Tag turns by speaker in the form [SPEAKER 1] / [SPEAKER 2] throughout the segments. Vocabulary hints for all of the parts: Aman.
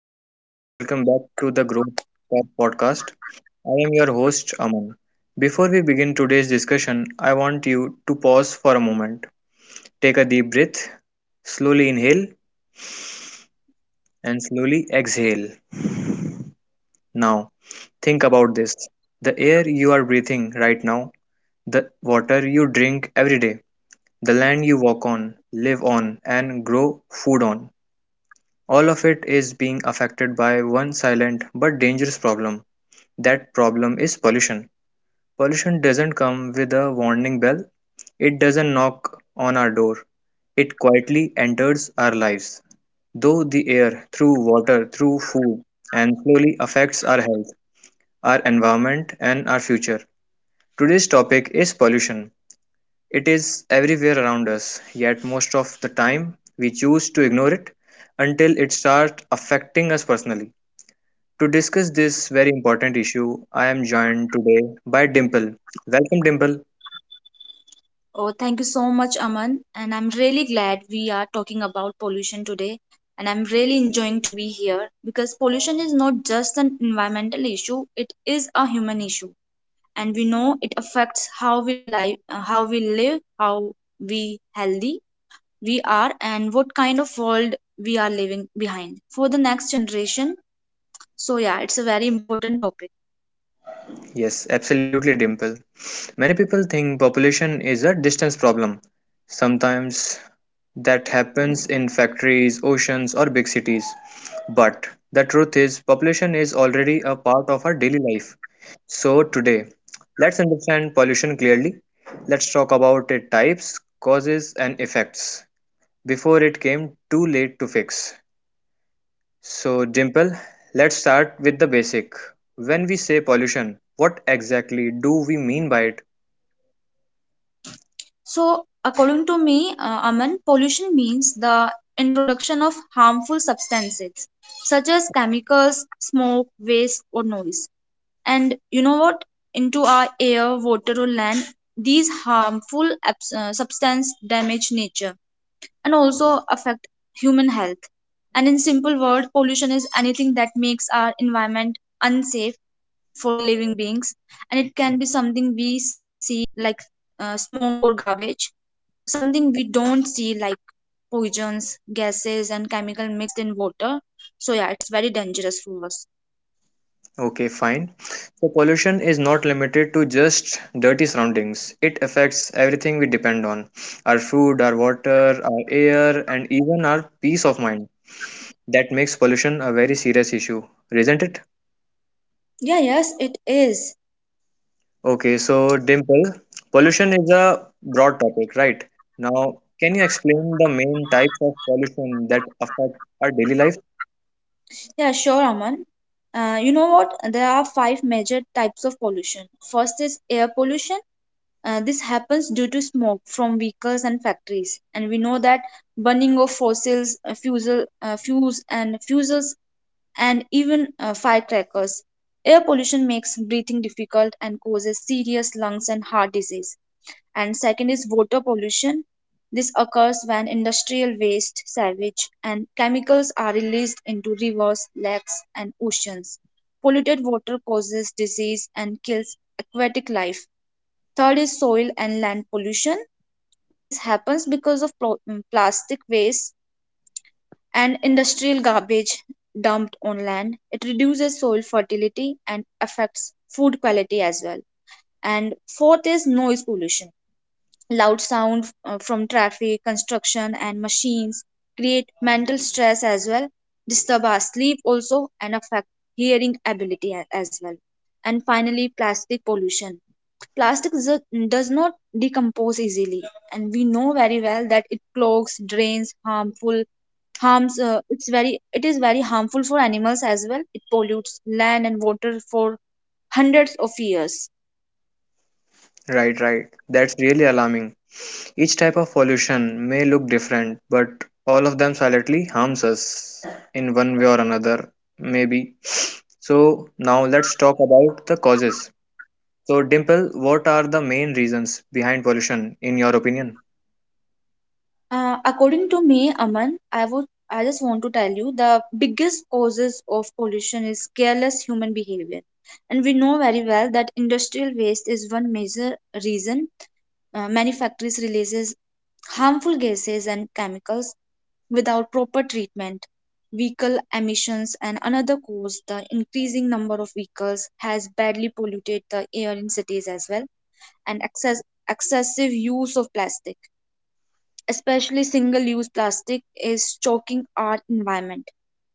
[SPEAKER 1] everyone, welcome back to the Group Talk podcast. I am your host Aman. Before we begin today's discussion, I want you to pause for a moment. Take a deep breath, slowly inhale and slowly exhale. Now, think about this. The air you are breathing right now, the water you drink every day, the land you walk on, live on, and grow food on. All of it is being affected by one silent but dangerous problem. That problem is pollution. Pollution doesn't come with a warning bell. It doesn't knock on our door. It quietly enters our lives, though the air, through water, through food, and slowly affects our health, our environment, and our future. Today's topic is pollution. It is everywhere around us, yet most of the time we choose to ignore it until it starts affecting us personally. To discuss this very important issue, I am joined today by Dimple. Welcome, Dimple.
[SPEAKER 2] Oh, thank you so much, Aman. And I'm really glad we are talking about pollution today. And I'm really enjoying to be here because pollution is not just an environmental issue, it is a human issue. And we know it affects how we live, how we healthy we are, and what kind of world we are living behind for the next generation. So yeah, it's a very important topic.
[SPEAKER 1] Yes, absolutely, Dimple. Many people think population is a distance problem. Sometimes that happens in factories, oceans, or big cities. But the truth is, population is already a part of our daily life. So, today, let's understand pollution clearly. Let's talk about its types, causes, and effects before it came too late to fix. So, Dimple, let's start with the basic. When we say pollution, what exactly do we mean by it?
[SPEAKER 2] So, according to me, Aman, pollution means the introduction of harmful substances such as chemicals, smoke, waste, or noise. And you know what? Into our air, water, or land, these harmful substances damage nature and also affect human health. And in simple words, pollution is anything that makes our environment unsafe for living beings, and it can be something we see like smoke or garbage, something we don't see like poisons, gases, and chemical mixed in water. So yeah, it's very dangerous for us.
[SPEAKER 1] Okay, fine. So, pollution is not limited to just dirty surroundings. It affects everything we depend on, our food, our water, our air, and even our peace of mind. That makes pollution a very serious issue, isn't it?
[SPEAKER 2] Yeah, yes, it is.
[SPEAKER 1] Okay, so, Dimple, pollution is a broad topic, right? Now, can you explain the main types of pollution that affect our daily life?
[SPEAKER 2] Yeah, sure, Aman. You know what? There are five major types of pollution. First is air pollution. This happens due to smoke from vehicles and factories, and we know that burning of fossils, fuel, fuels, and fuels, and even firecrackers. Air pollution makes breathing difficult and causes serious lungs and heart disease. And second is water pollution. This occurs when industrial waste, sewage, and chemicals are released into rivers, lakes, and oceans. Polluted water causes disease and kills aquatic life. Third is soil and land pollution. This happens because of plastic waste and industrial garbage dumped on land. It reduces soil fertility and affects food quality as well. And fourth is noise pollution. Loud sound from traffic, construction, and machines create mental stress as well, disturb our sleep also, and affect hearing ability as well. And finally, plastic pollution. Plastic does not decompose easily, and we know very well that it clogs, drains, harmful harms. It is very harmful for animals as well. It pollutes land and water for hundreds of years.
[SPEAKER 1] Right, right. That's really alarming. Each type of pollution may look different, but all of them silently harms us in one way or another, maybe. So now let's talk about the causes. So Dimple, what are the main reasons behind pollution in your opinion?
[SPEAKER 2] According to me, Aman, I just want to tell you the biggest causes of pollution is careless human behavior. And we know very well that industrial waste is one major reason. Many factories releases harmful gases and chemicals without proper treatment. Vehicle emissions and another cause, the increasing number of vehicles has badly polluted the air in cities as well, and excessive use of plastic, especially single use plastic, is choking our environment.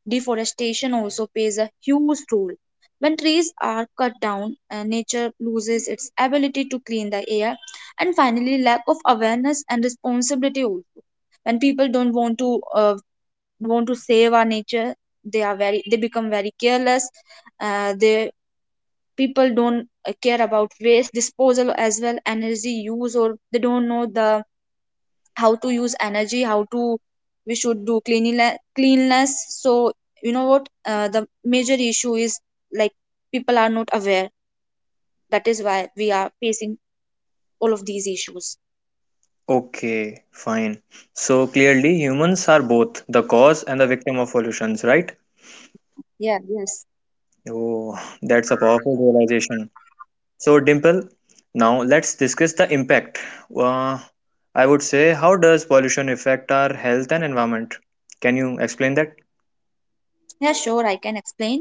[SPEAKER 2] Deforestation also plays a huge role. When trees are cut down, nature loses its ability to clean the air, and finally, lack of awareness and responsibility also. When people don't want to save our nature, they become very careless. They people don't care about waste disposal as well, energy use, or they don't know the how to use energy, how to we should do cleanliness. So, you know what, the major issue is like people are not aware. That is why we are facing all of these issues.
[SPEAKER 1] Okay, fine. So clearly humans are both the cause and the victim of pollutions, right?
[SPEAKER 2] Yeah, yes.
[SPEAKER 1] Oh, that's a powerful realization. So, Dimple, now let's discuss the impact. Uh, I would say, how does pollution affect our health and environment? Can you explain that?
[SPEAKER 2] Yeah, sure, I can explain.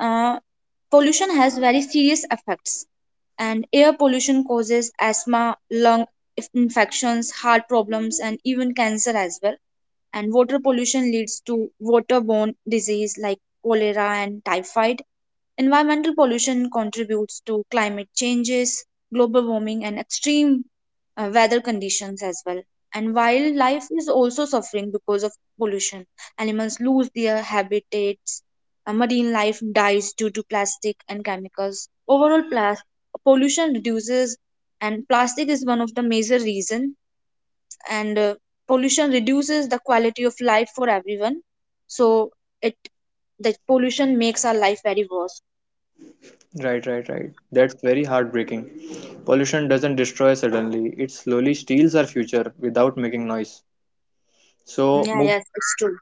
[SPEAKER 2] Uh, pollution has very serious effects, and air pollution causes asthma, lung infections, heart problems, and even cancer as well. And water pollution leads to waterborne disease like cholera and typhoid. Environmental pollution contributes to climate changes, global warming, and extreme weather conditions as well. And wildlife is also suffering because of pollution. Animals lose their habitats, marine life dies due to plastic and chemicals. Overall, pollution reduces, and plastic is one of the major reason. And pollution reduces the quality of life for everyone. So it, the pollution makes our life very worse.
[SPEAKER 1] Right, right, right. That's very heartbreaking. Pollution doesn't destroy suddenly, it slowly steals our future without making noise. So,
[SPEAKER 2] Yeah,
[SPEAKER 1] move.
[SPEAKER 2] yes, it's true.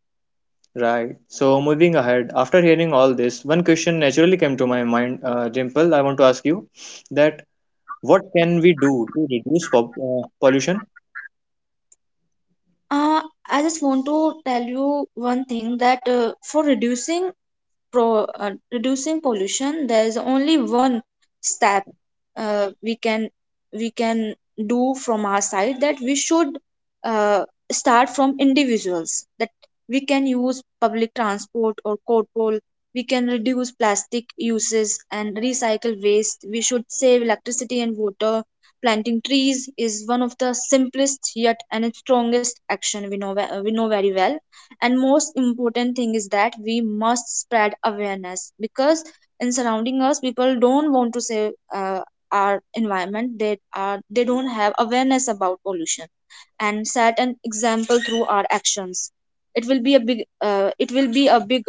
[SPEAKER 1] Right. So, moving ahead, after hearing all this, one question naturally came to my mind, Dimple. I want to ask you that what can we do to reduce pollution?
[SPEAKER 2] Uh, I just want to tell you one thing, that for reducing pollution there is only one step uh, we can we can do from our side, that we should, uh, start from individuals, that we can use public transport or carpool, we can reduce plastic uses and recycle waste, we should save electricity and water. Planting trees is one of the simplest yet and strongest action, we know, we know very well. And most important thing is that we must spread awareness, because in surrounding us people don't want to save our environment, they don't have awareness about pollution, and set an example through our actions. It will be a big,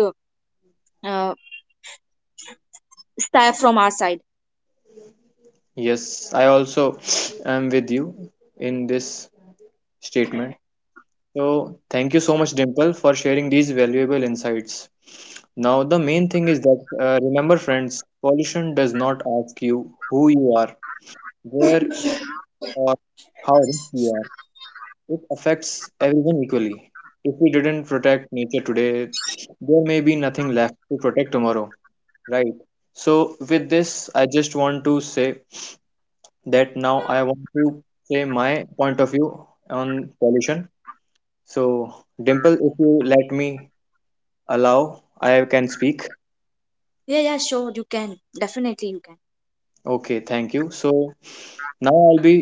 [SPEAKER 2] uh, step from our side.
[SPEAKER 1] Yes, I also am with you in this statement. So, thank you so much, Dimple, for sharing these valuable insights. Now, the main thing is that remember, friends, pollution does not ask you who you are, where, or how rich you are. It affects everyone equally. If we didn't protect nature today, there may be nothing left to protect tomorrow, right? So, with this, I just want to say that now I want to say my point of view on pollution. So, Dimple, if you let me allow, I can speak.
[SPEAKER 2] Yeah, sure you can, definitely you can.
[SPEAKER 1] Okay, thank you. So, now I'll be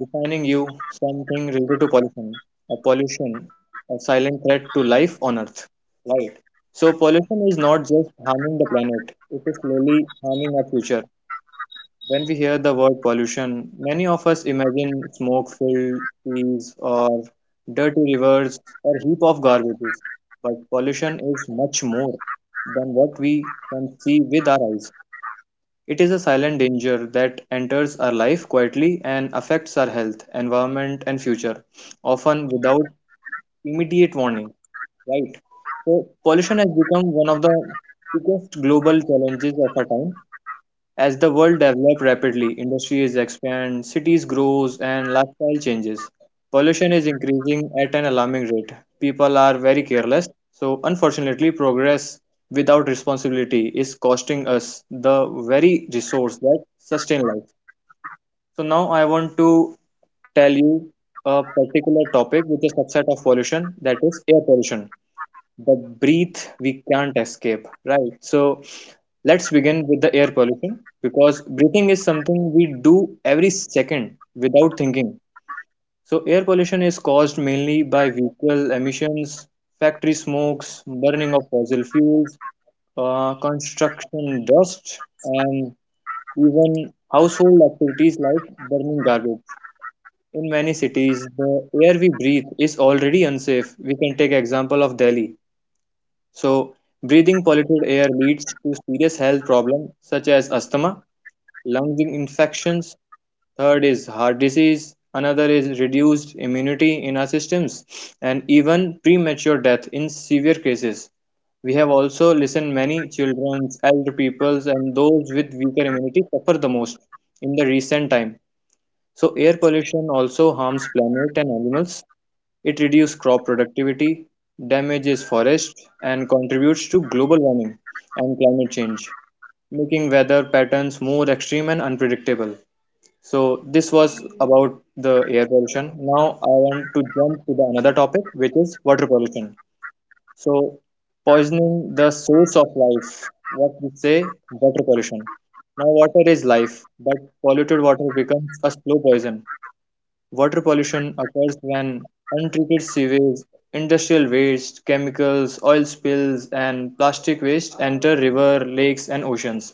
[SPEAKER 1] defining you something related to pollution. A pollution, a silent threat to life on Earth. Right. So, pollution is not just harming the planet, it is slowly harming our future. When we hear the word pollution, many of us imagine smoke filled trees or dirty rivers or heap of garbages. But pollution is much more than what we can see with our eyes. It is a silent danger that enters our life quietly and affects our health, environment, and future, often without immediate warning, right? So, pollution has become one of the biggest global challenges of our time as the world develops rapidly, industries expand, cities grows, and lifestyle changes. Pollution is increasing at an alarming rate. People are very careless, so unfortunately, progress without responsibility is costing us the very resource that sustain life. So now I want to tell you a particular topic which is subset of pollution, that is air pollution, the breath we can't escape, right? So let's begin with the air pollution because breathing is something we do every second without thinking. So, air pollution is caused mainly by vehicle emissions, factory smokes, burning of fossil fuels, construction dust, and even household activities like burning garbage. In many cities, the air we breathe is already unsafe. We can take example of Delhi. So, breathing polluted air leads to serious health problems such as asthma, lung infections, third is heart disease, another is reduced immunity in our systems, and even premature death in severe cases. We have also listened many children, elder peoples, and those with weaker immunity suffer the most in the recent time. So air pollution also harms planet and animals. It reduces crop productivity, damages forests, and contributes to global warming and climate change, making weather patterns more extreme and unpredictable. So this was about the air pollution. Now I want to jump to the another topic, which is water pollution. So, poisoning the source of life, what we say, water pollution. Now water is life, but polluted water becomes a slow poison. Water pollution occurs when untreated sewage, industrial waste, chemicals, oil spills, and plastic waste enter river, lakes, and oceans.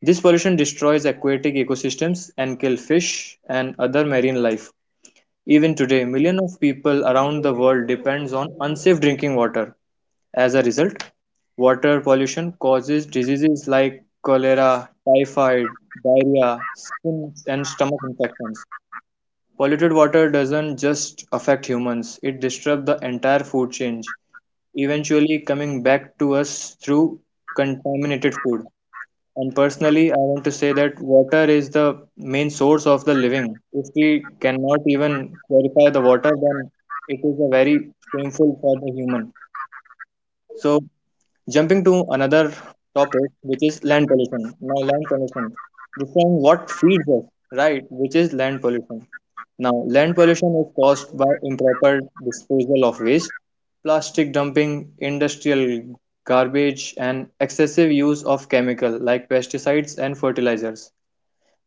[SPEAKER 1] This pollution destroys aquatic ecosystems and kills fish and other marine life. Even today, millions of people around the world depends on unsafe drinking water. As a result, water pollution causes diseases like cholera, typhoid, diarrhea, skin and stomach infections. Polluted water doesn't just affect humans, it disturbs the entire food chain, eventually coming back to us through contaminated food. And personally, I want to say that water is the main source of the living. If we cannot even purify the water, then it is a very shameful for the human. So, jumping to another topic, which is land pollution. Now, land pollution. This time, what feeds us, right? Which is land pollution. Now, land pollution is caused by improper disposal of waste, plastic dumping, industrial garbage, and excessive use of chemical like pesticides and fertilizers.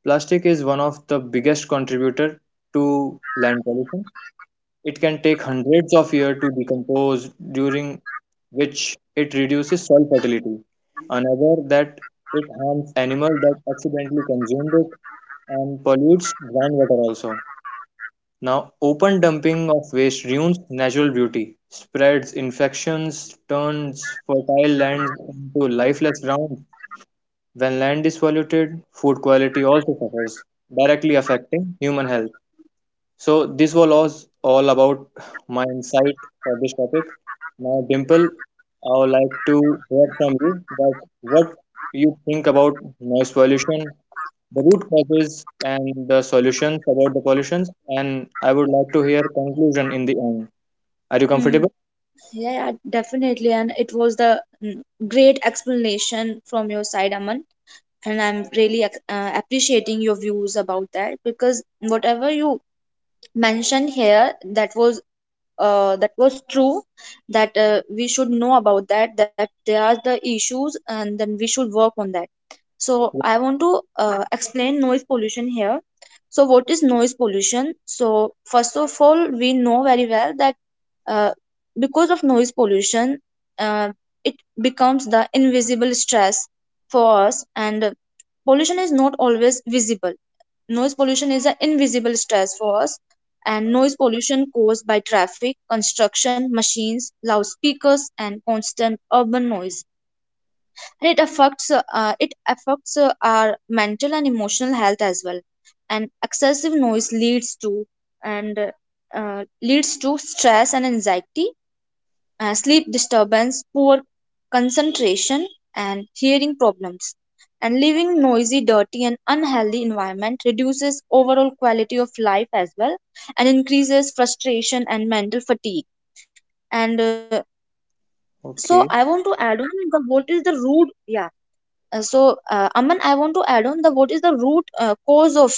[SPEAKER 1] Plastic is one of the biggest contributor to land pollution. It can take hundreds of years to decompose, during which it reduces soil fertility. Another that it harms animals that accidentally consume it and pollutes groundwater also. Now, open dumping of waste ruins natural beauty, spreads infections, turns fertile lands into lifeless ground. When land is polluted, food quality also suffers, directly affecting human health. So, this was all about my insight for this topic. Now, Dimple, I would like to hear from you that what you think about noise pollution, the root causes and the solutions about the pollutions, and I would like to hear conclusion in the end. Are you
[SPEAKER 2] Mm,
[SPEAKER 1] comfortable?
[SPEAKER 2] yeah, yeah, definitely. And it was the great explanation from your side, Aman. And I'm really appreciating your views about that, because whatever you mentioned here, that was true, that we should know about that, that there are the issues and then we should work on that. So I want to explain noise pollution here. So what is noise pollution? So first of all, we know very well that, uh, because of noise pollution, uh, it becomes the invisible stress for us, and pollution is not always visible. Noise pollution is an invisible stress for us, and noise pollution caused by traffic, construction, machines, loudspeakers, and constant urban noise. And it affects, our mental and emotional health as well. And excessive noise leads to, and leads to stress and anxiety, sleep disturbance, poor concentration, and hearing problems. And living noisy, dirty, and unhealthy environment reduces overall quality of life as well, and increases frustration and mental fatigue. And so, I want
[SPEAKER 1] Okay.
[SPEAKER 2] to add on the what is the root? Yeah. So, Aman, I want to add on the what is the root cause of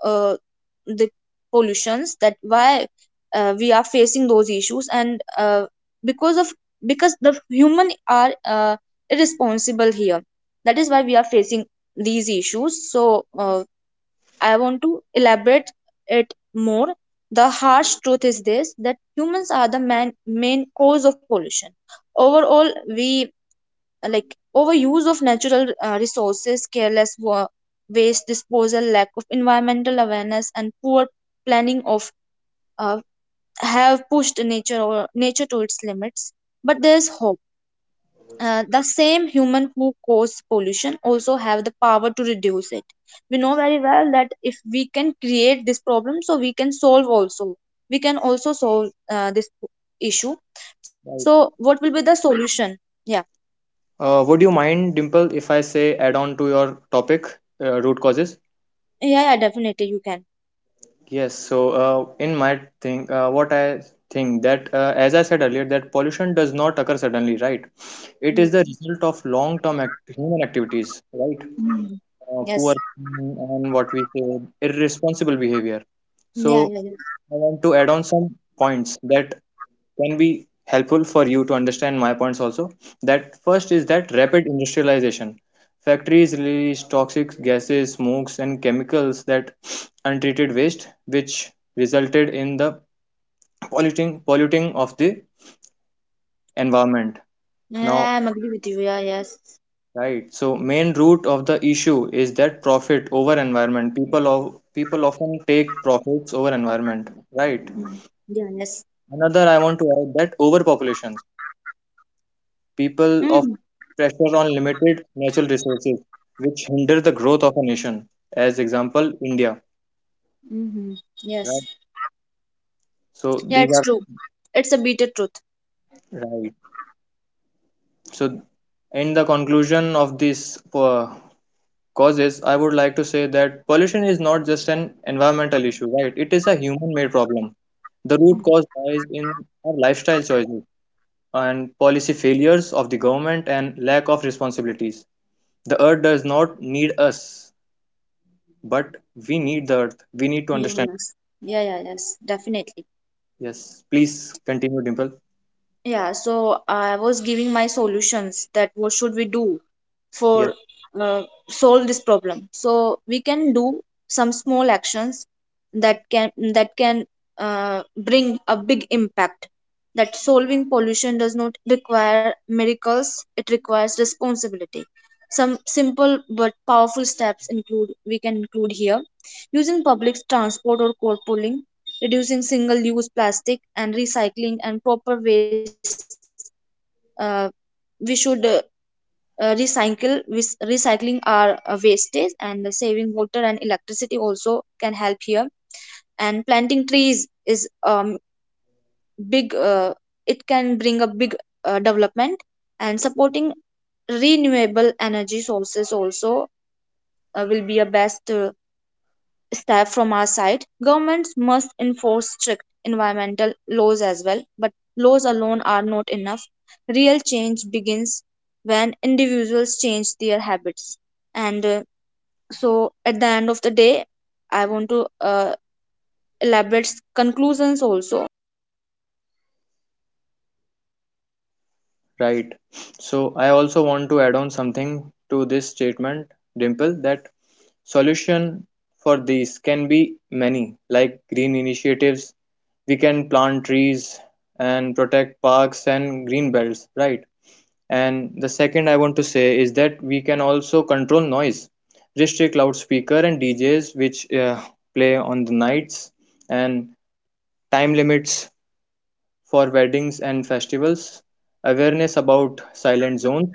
[SPEAKER 2] uh, the pollutions, that why we are facing those issues, and because of, because the human are irresponsible here, that is why we are facing these issues. So I want to elaborate it more. The harsh truth is this, that humans are the main cause of pollution overall. We, like, overuse of natural resources, careless waste disposal, lack of environmental awareness, and poor planning of uh, have pushed nature, or nature, to its limits. But there's hope. The same human who cause pollution also have the power to reduce it. We know very well that if we can create this problem, so we can solve also. We can also solve this issue. So,
[SPEAKER 1] Right.
[SPEAKER 2] what will be the solution? Yeah,
[SPEAKER 1] Would you mind, Dimple, if I say add on to your topic, root causes?
[SPEAKER 2] yeah, yeah, definitely you can.
[SPEAKER 1] Yes. So, in my thing, what I think, that as I said earlier, that pollution does not occur suddenly, right? It
[SPEAKER 2] Mm.
[SPEAKER 1] is the result of long term human activities, right?
[SPEAKER 2] Mm. Yes.
[SPEAKER 1] Poor, and what we say, irresponsible behavior. So
[SPEAKER 2] Yeah, yeah, yeah.
[SPEAKER 1] I want to add on some points that can be helpful for you to understand my points also. That first is that rapid industrialization. Factories release toxic gases, smokes, and chemicals, that untreated waste, which resulted in the polluting of the environment. Now,
[SPEAKER 2] Yeah, I'm agree with you. Yeah, yes.
[SPEAKER 1] right. So, main root of the issue is that profit over environment. People often take profits over environment. Right.
[SPEAKER 2] Mm. Yeah, yes.
[SPEAKER 1] Another I want to add, that overpopulation, people of
[SPEAKER 2] Mm.
[SPEAKER 1] pressure on limited natural resources, which hinder the growth of a nation, as example India.
[SPEAKER 2] Mm-hmm. Yes.
[SPEAKER 1] Right. So
[SPEAKER 2] Yeah,
[SPEAKER 1] these
[SPEAKER 2] it's
[SPEAKER 1] are,
[SPEAKER 2] true. It's a bitter truth.
[SPEAKER 1] right. So in the conclusion of these uh, causes, I would like to say that pollution is not just an environmental issue, right? It is a human made problem. The root
[SPEAKER 2] Mm.
[SPEAKER 1] cause lies in our lifestyle choices and policy failures of the government and lack of responsibilities. The earth does not need us, but we need the earth. We need to
[SPEAKER 2] Yeah,
[SPEAKER 1] understand.
[SPEAKER 2] yes. Yeah, yeah, yes. Definitely.
[SPEAKER 1] Yes, please continue, Dimple.
[SPEAKER 2] Yeah, so I was giving my solutions that what should we do
[SPEAKER 1] Yes,
[SPEAKER 2] for, uh, solve this problem. So we can do some small actions that can bring a big impact. That solving pollution does not require miracles; it requires responsibility. Some simple but powerful steps include, we can include here, using public transport or carpooling, reducing single-use plastic and recycling and proper waste. Uh, we should uh, uh, recycle with recycling our wastage, and saving water and electricity also can help here. And planting trees is, big it can bring a big development. And supporting renewable energy sources also will be a best step from our side. Governments must enforce strict environmental laws as well, but laws alone are not enough. Real change begins when individuals change their habits. And so, at the end of the day, I want to elaborate conclusions also, that we should be responsible for that.
[SPEAKER 1] right. So I also want to add on something to this statement, Dimple, that solution for these can be many, like green initiatives. We can plant trees and protect parks and green belts, right? And the second I want to say is that we can also control noise, restrict loudspeaker and DJs which play on the nights, and time limits for weddings and festivals, awareness about silent zones.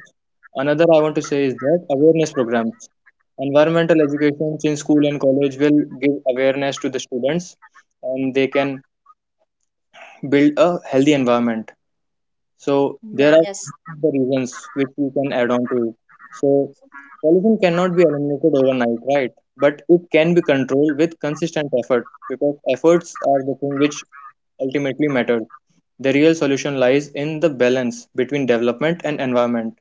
[SPEAKER 1] Another I want to say is that awareness programs. Environmental education in school and college will give awareness to the students and they can build a healthy environment. So there
[SPEAKER 2] Yeah,
[SPEAKER 1] are
[SPEAKER 2] yes,
[SPEAKER 1] the reasons which we can add on to it. So pollution cannot be eliminated overnight, right? But it can be controlled with consistent effort because efforts are the thing which ultimately matters. The real solution lies in the balance between development and environment.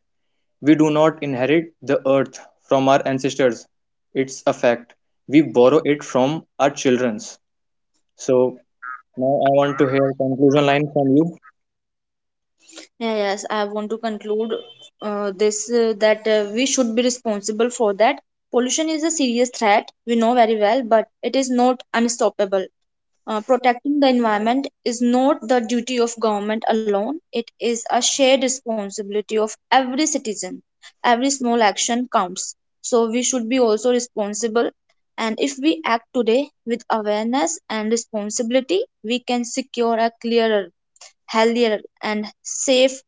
[SPEAKER 1] We do not inherit the earth from our ancestors. It's a fact. We borrow it from our children's. So now I want to hear conclusion line from you.
[SPEAKER 2] yeah, yes. I want to conclude this, that we should be responsible for that. Pollution is a serious threat, we know very well, but it is not unstoppable. Protecting the environment is not the duty of government alone, it is a shared responsibility of every citizen. Every small action counts. So we should be also responsible. And if we act today with awareness and responsibility, we can secure a clearer, healthier, and safe,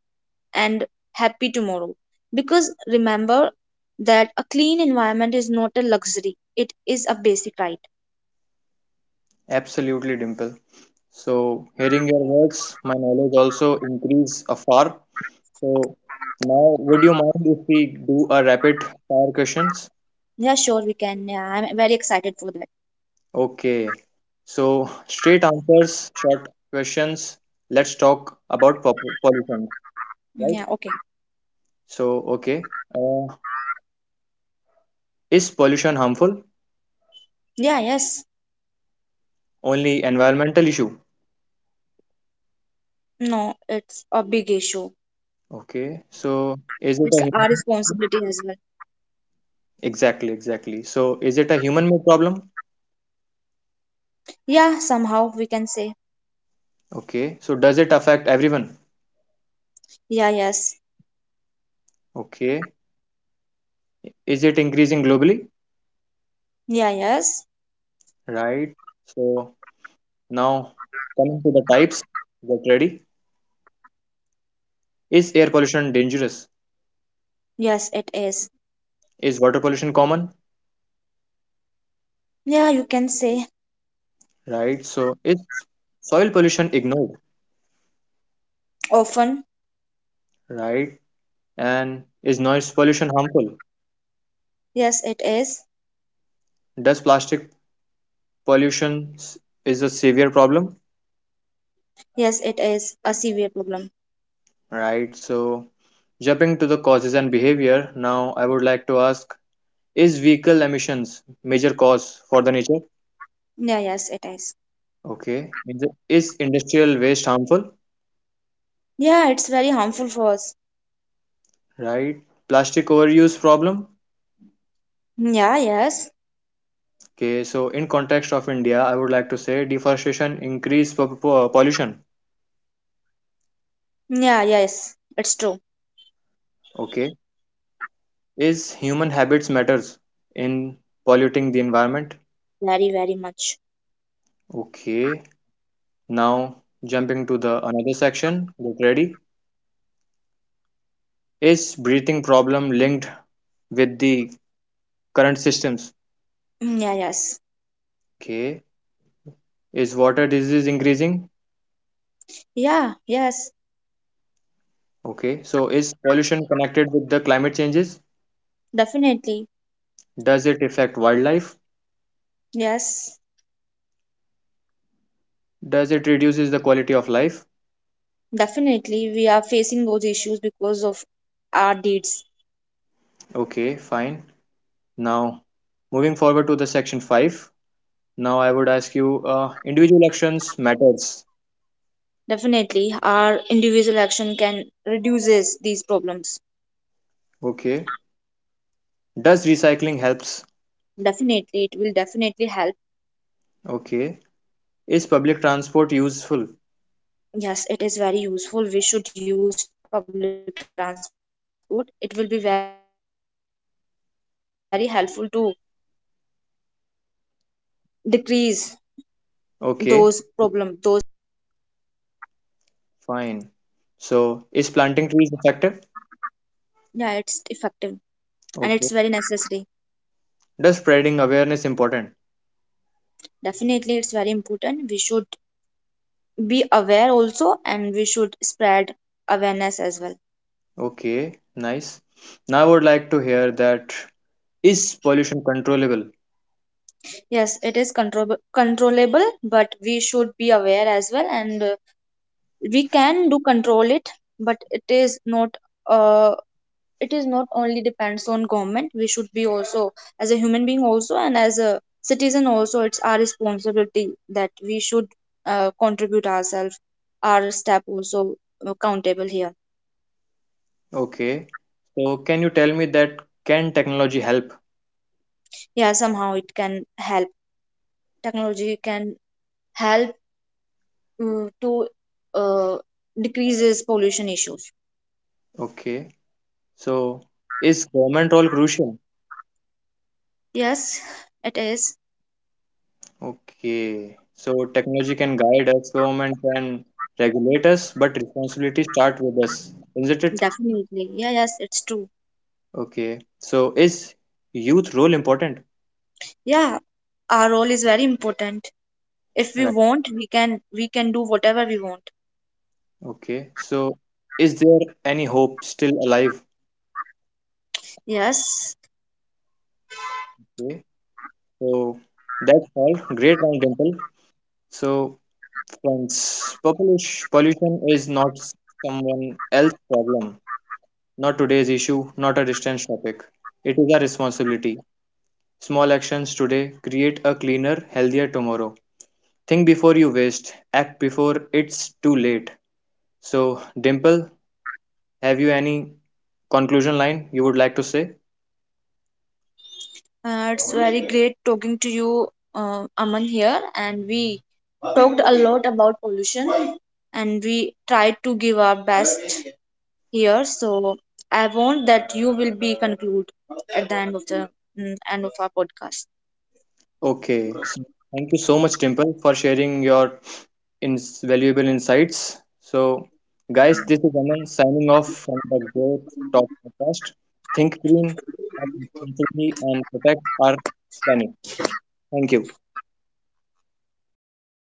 [SPEAKER 2] and happy tomorrow. Because remember that a clean environment is not a luxury, it is a basic right.
[SPEAKER 1] Absolutely, Dimple. So hearing your words, my knowledge also increase afar. So now would you mind if we do a rapid fire questions?
[SPEAKER 2] Yeah, sure we can. Yeah, I'm very excited for that.
[SPEAKER 1] Okay, so straight answers, short questions. Let's talk about pollution, right?
[SPEAKER 2] Yeah, okay.
[SPEAKER 1] So, okay, uh, is pollution harmful?
[SPEAKER 2] Yeah, yes.
[SPEAKER 1] Only environmental issue.
[SPEAKER 2] No, it's a big issue.
[SPEAKER 1] Okay, so
[SPEAKER 2] It's
[SPEAKER 1] is it
[SPEAKER 2] our
[SPEAKER 1] a human?
[SPEAKER 2] responsibility as well.
[SPEAKER 1] Exactly, exactly. So, is it a human-made problem?
[SPEAKER 2] Yeah, somehow we can say.
[SPEAKER 1] Okay, so does it affect everyone?
[SPEAKER 2] Yeah, yes.
[SPEAKER 1] Okay, is it increasing globally?
[SPEAKER 2] Yeah, yes.
[SPEAKER 1] Right. So now coming to the types. Get ready. Is air pollution dangerous?
[SPEAKER 2] Yes, it is.
[SPEAKER 1] Is water pollution common?
[SPEAKER 2] Yeah, you can say.
[SPEAKER 1] Right? So is soil pollution ignored,
[SPEAKER 2] Often.
[SPEAKER 1] right? And is noise pollution harmful?
[SPEAKER 2] Yes, it is.
[SPEAKER 1] Does plastic pollution s- is a severe problem,
[SPEAKER 2] Yes, it is a severe problem.
[SPEAKER 1] right? So jumping to the causes and behavior, now I would like to ask, is vehicle emissions major cause for the nature?
[SPEAKER 2] Yeah, yes, it is.
[SPEAKER 1] Okay. Is industrial waste harmful,
[SPEAKER 2] Yeah, it's very harmful for us.
[SPEAKER 1] right? Plastic overuse problem.
[SPEAKER 2] Yeah, yes.
[SPEAKER 1] Okay, so in context of India, I would like to say deforestation increase pollution.
[SPEAKER 2] Yeah, yes, it's true.
[SPEAKER 1] Okay. Is human habits matters in polluting the environment?
[SPEAKER 2] Very, very much.
[SPEAKER 1] Okay, now jumping to the another section. Get ready. Is breathing problem linked with the current systems?
[SPEAKER 2] Yeah, yes.
[SPEAKER 1] Okay. Is water disease increasing?
[SPEAKER 2] Yeah, yes.
[SPEAKER 1] Okay. So is pollution connected with the climate changes?
[SPEAKER 2] Definitely.
[SPEAKER 1] Does it affect wildlife?
[SPEAKER 2] Yes.
[SPEAKER 1] Does it reduces the quality of life?
[SPEAKER 2] Definitely, we are facing those issues because of our deeds.
[SPEAKER 1] Okay, fine. Now moving forward to the section 5. Now I would ask you individual actions matters.
[SPEAKER 2] Definitely, our individual action can reduces these problems.
[SPEAKER 1] Okay. Does recycling helps?
[SPEAKER 2] Definitely, it will definitely help.
[SPEAKER 1] Okay. Is public transport useful?
[SPEAKER 2] Yes, it is very useful. We should use public transport. It will be very helpful to decrease
[SPEAKER 1] Okay,
[SPEAKER 2] those problem, those environmental problems.
[SPEAKER 1] fine. So, is planting trees effective?
[SPEAKER 2] Effective, and it's
[SPEAKER 1] Okay.
[SPEAKER 2] very necessary.
[SPEAKER 1] Does spreading awareness important?
[SPEAKER 2] Definitely, it's very important. We should be aware also, and we should spread awareness as well.
[SPEAKER 1] Okay, nice. Now I would like to hear that is pollution controllable?
[SPEAKER 2] Yes, it is controllable, but we should be aware as well, and we can do control it, but it is not a, it is not only depends on government. We should be also as a human being also, and as a citizen also, it's our responsibility, that we should contribute ourselves, our step also, countable here.
[SPEAKER 1] Okay. So, can you tell me that can technology help?
[SPEAKER 2] Yeah, somehow it can help. Technology can help, to uh, decreases pollution issues.
[SPEAKER 1] Okay. So, is government role crucial?
[SPEAKER 2] Yes, it is.
[SPEAKER 1] Okay. So technology can guide us, government can regulate us, but responsibility start with us, isn't it?
[SPEAKER 2] Definitely. Yeah, yes, it's true.
[SPEAKER 1] Okay. So is youth role important?
[SPEAKER 2] Yeah, our role is very important. If we
[SPEAKER 1] Right.
[SPEAKER 2] want, we can do whatever we want.
[SPEAKER 1] Okay. So is there any hope still alive?
[SPEAKER 2] Yes,
[SPEAKER 1] Okay. So that's all. Great round, Dimple. So friends, population pollution is not someone else's problem, not today's issue, not a distance topic. It is a responsibility. Small actions today create a cleaner, healthier tomorrow. Think before you waste, act before it's too late. So, Dimple, have you any conclusion line you would like to say?
[SPEAKER 2] it's very great talking to you, Aman here, and we talked a lot about pollution, and we tried to give our best here. So I want that you will be conclude at the end of the, end of our podcast.
[SPEAKER 1] Okay, so thank you so much, Dimple, for sharing your valuable insights. So, guys, this is Aman signing off from the Growth Talk podcast. Think green, act responsibly, and protect our planet. Thank you.